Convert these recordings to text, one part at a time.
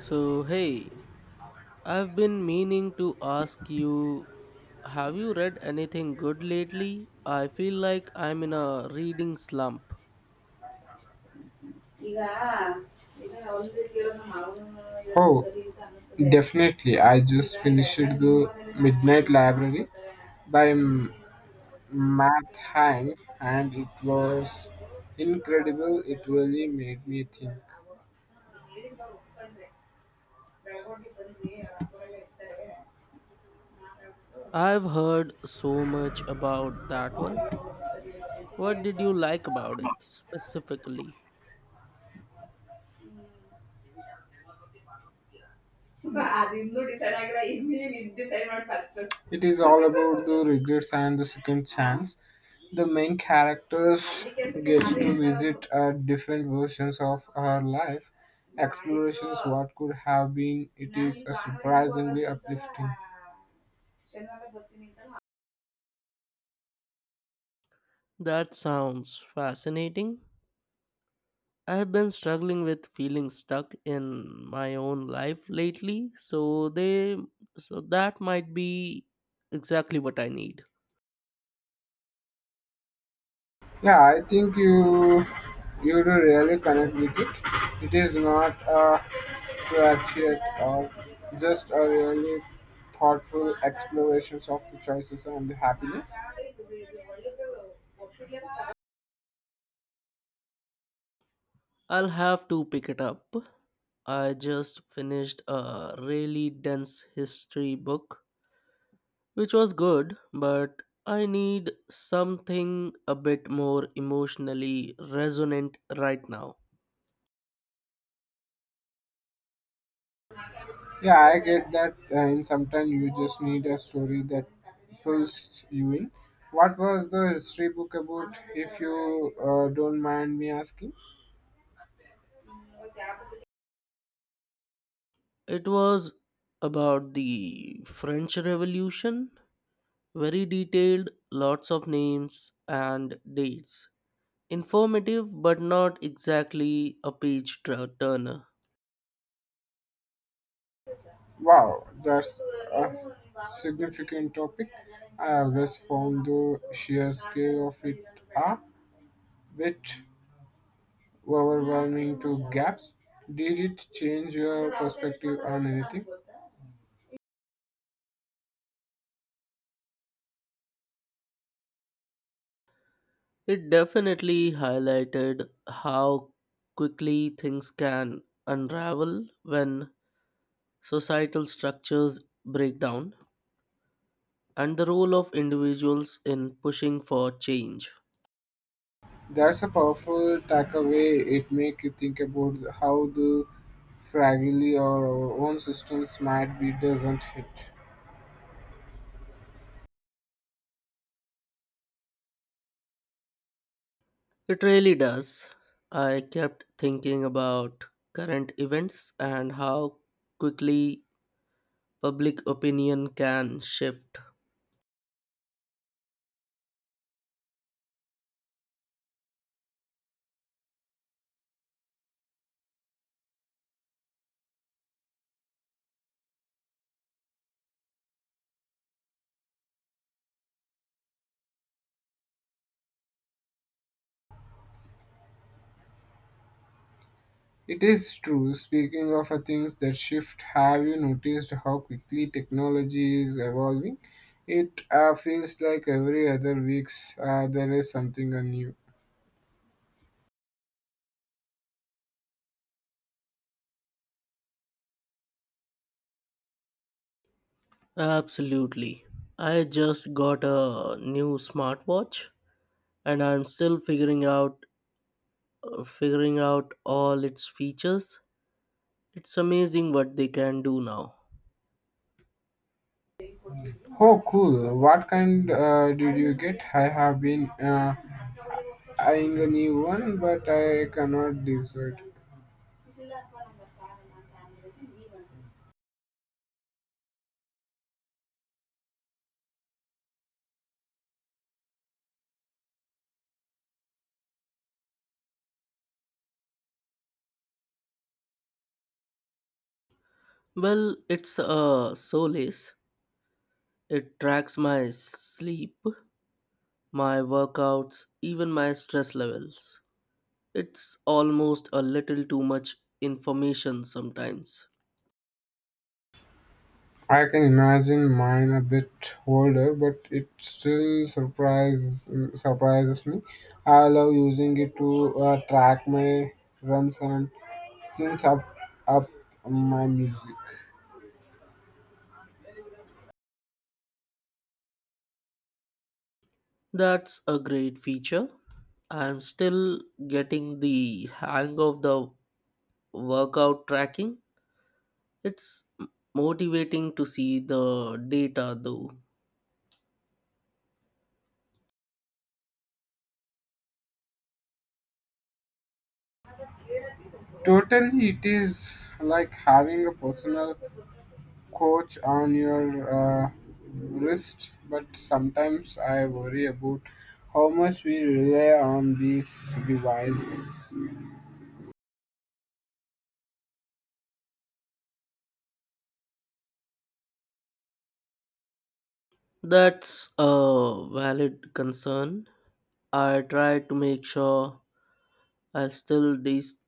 So, hey, I've been meaning to ask you, have you read anything good lately? I feel like I'm in a reading slump. Oh, definitely. I just finished The Midnight Library by Matt Hank, and it was incredible. It really made me think. I've heard so much about that one. What did you like about it specifically? It is all about the regrets and the second chance. The main characters gets to visit different versions of her life, explorations what could have been. It is a surprisingly uplifting. That sounds fascinating. I've been struggling with feeling stuck in my own life lately, so they so that might be exactly what I need. Yeah, I think you do really connect with it. It is not a cliche at all, just a really thoughtful explorations of the choices and the happiness. I'll have to pick it up. I just finished a really dense history book, which was good, but I need something a bit more emotionally resonant right now. Yeah, I get that. In sometimes you just need a story that pulls you in. What was the history book about, if you don't mind me asking? It was about the French Revolution, very detailed, lots of names and dates. Informative, but not exactly a turner. Wow, that's a significant topic. I always found the sheer scale of it a bit overwhelming to gaps. Did it change your perspective on anything? It definitely highlighted how quickly things can unravel when societal structures break down, and the role of individuals in pushing for change. That's a powerful takeaway. It makes you think about how the fragility or our own systems might be doesn't it? It really does. I kept thinking about current events and how quickly public opinion can shift. It is true. Speaking of things that shift, have you noticed how quickly technology is evolving? It feels like every other weeks there is something new. Absolutely. I just got a new smartwatch and I'm still figuring out all its features. It's amazing what they can do now. Oh, cool! What kind did you get? I have been eyeing a new one, but I cannot decide. Well, it's a solace. It tracks my sleep, my workouts, even my stress levels. It's almost a little too much information sometimes. I can imagine mine a bit older, but it still surprises me. I love using it to track my runs and sync up my music. That's a great feature. I'm still getting the hang of the workout tracking. It's motivating to see the data though. Totally, it is like having a personal coach on your wrist, but sometimes I worry about how much we rely on these devices. That's a valid concern. I try to make sure I still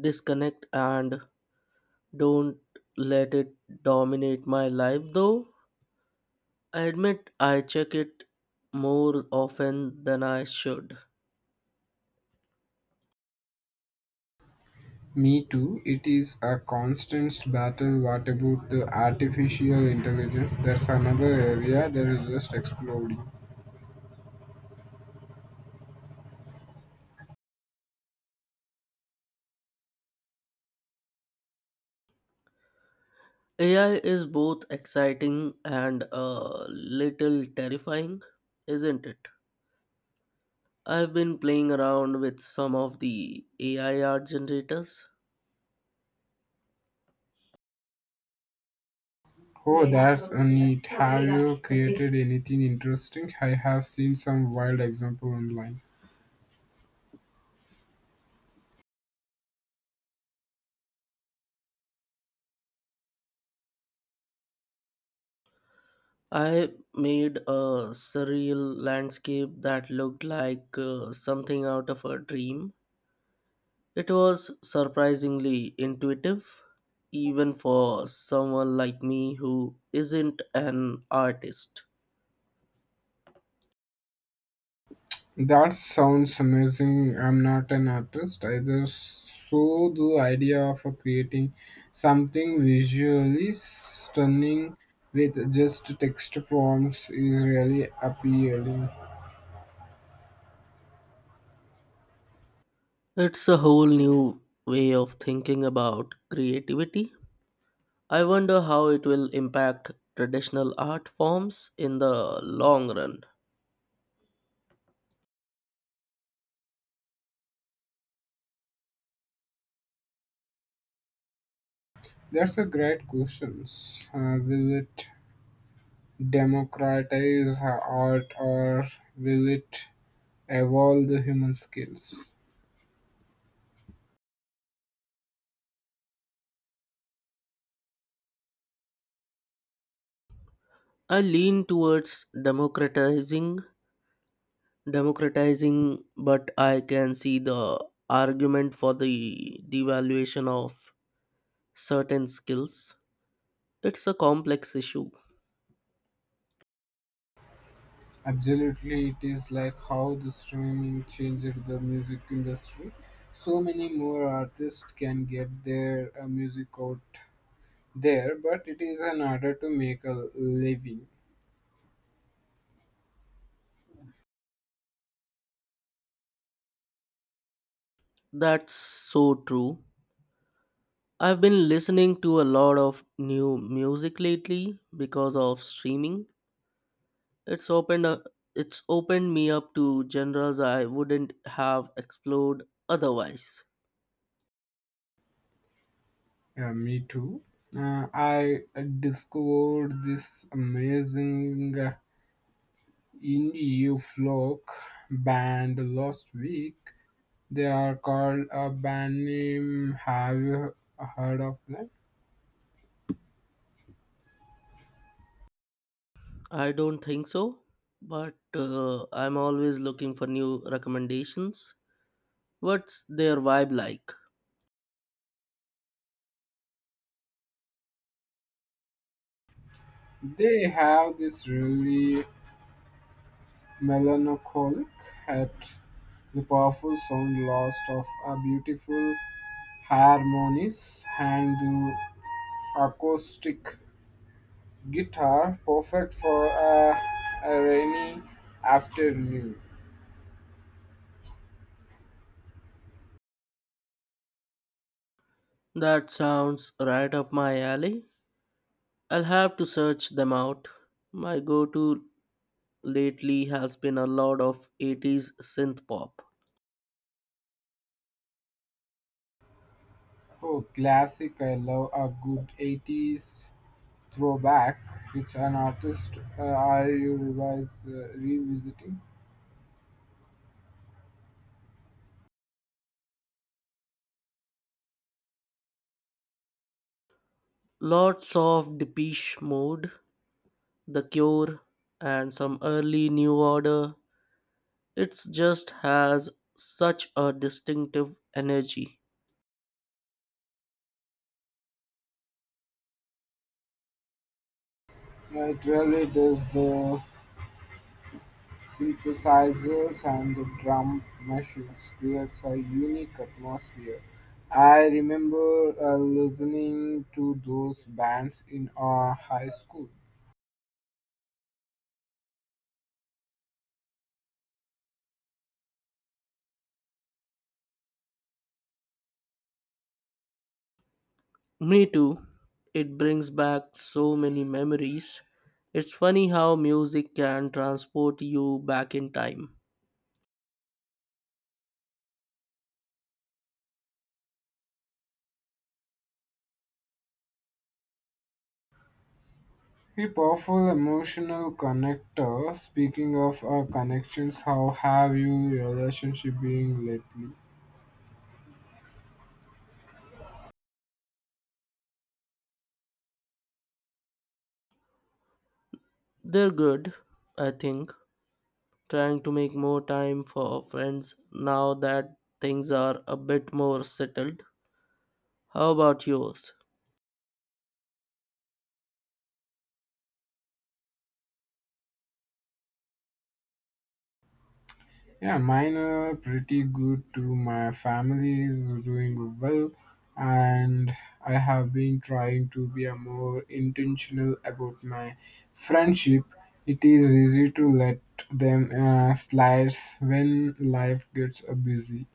disconnect and don't let it dominate my life, though. I admit I check it more often than I should. Me too. It is a constant battle. What about the artificial intelligence? That's another area that is just exploding. AI is both exciting and a little terrifying, isn't it? I've been playing around with some of the AI art generators. Oh, that's a neat. Have you created anything interesting? I have seen some wild example online. I made a surreal landscape that looked like something out of a dream. It was surprisingly intuitive, even for someone like me who isn't an artist. That sounds amazing. I'm not an artist either, so the idea of creating something visually stunning with just text prompts is really appealing. It's a whole new way of thinking about creativity. I wonder how it will impact traditional art forms in the long run. That's a great question. Will it democratize art or will it evolve the human skills? I lean towards democratizing, but I can see the argument for the devaluation of certain skills. It's a complex issue. Absolutely, it is like how the streaming changed the music industry. So many more artists can get their music out there, but it is an order to make a living. That's so true. I've been listening to a lot of new music lately because of streaming. It's opened a, it's opened me up to genres I wouldn't have explored otherwise. Me too. I discovered this amazing In the folk band Last Week, they are called a band name. Have you heard of them? I don't think so, but I'm always looking for new recommendations. What's their vibe like? They have this really melancholic yet the powerful sound lost of a beautiful harmonies and the acoustic guitar perfect for a rainy afternoon. That sounds right up my alley. I'll have to search them out. My go to lately has been a lot of 80s synth pop. Oh, classic! I love a good 80s throwback. It's an artist. Are you revisiting? Lots of Depeche Mode, The Cure, and some early New Order. It just has such a distinctive energy. It really does. The synthesizers and the drum machines creates a unique atmosphere. I remember listening to those bands in our high school. Me too. It brings back so many memories. It's funny how music can transport you back in time. A powerful emotional connector. Speaking of connections, how have you relationship been lately? They're good, I think. Trying to make more time for friends now that things are a bit more settled. How about yours? Yeah, mine are pretty good too. My family is doing well, and I have been trying to be a more intentional about my friendship. It is easy to let them slide when life gets busy.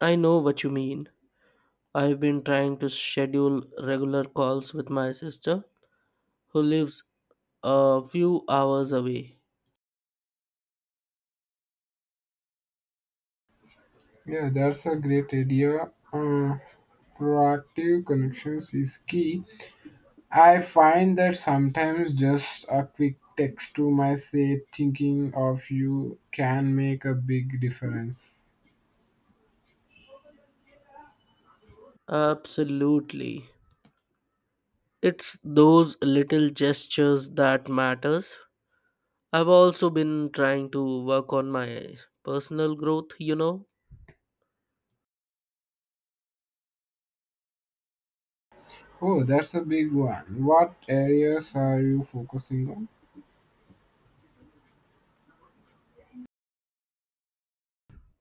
I know what you mean. I've been trying to schedule regular calls with my sister, who lives a few hours away. Yeah, that's a great idea. Proactive connections is key. I find that sometimes just a quick text to my say thinking of you can make a big difference. Absolutely. It's those little gestures that matters. I've also been trying to work on my personal growth, Oh, that's a big one. What areas are you focusing on?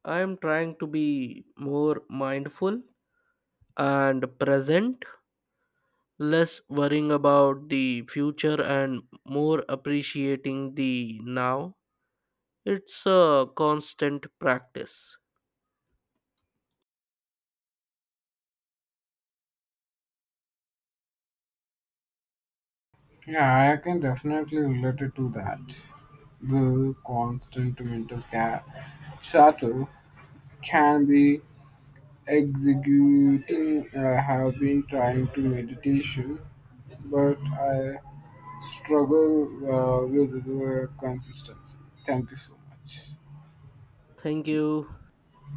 I am trying to be more mindful and present, less worrying about the future and more appreciating the now. It's a constant practice. Yeah, I can definitely relate it to that. The constant mental chatter can be executing. I have been trying to meditation, but I struggle with the consistency. Thank you so much. Thank you.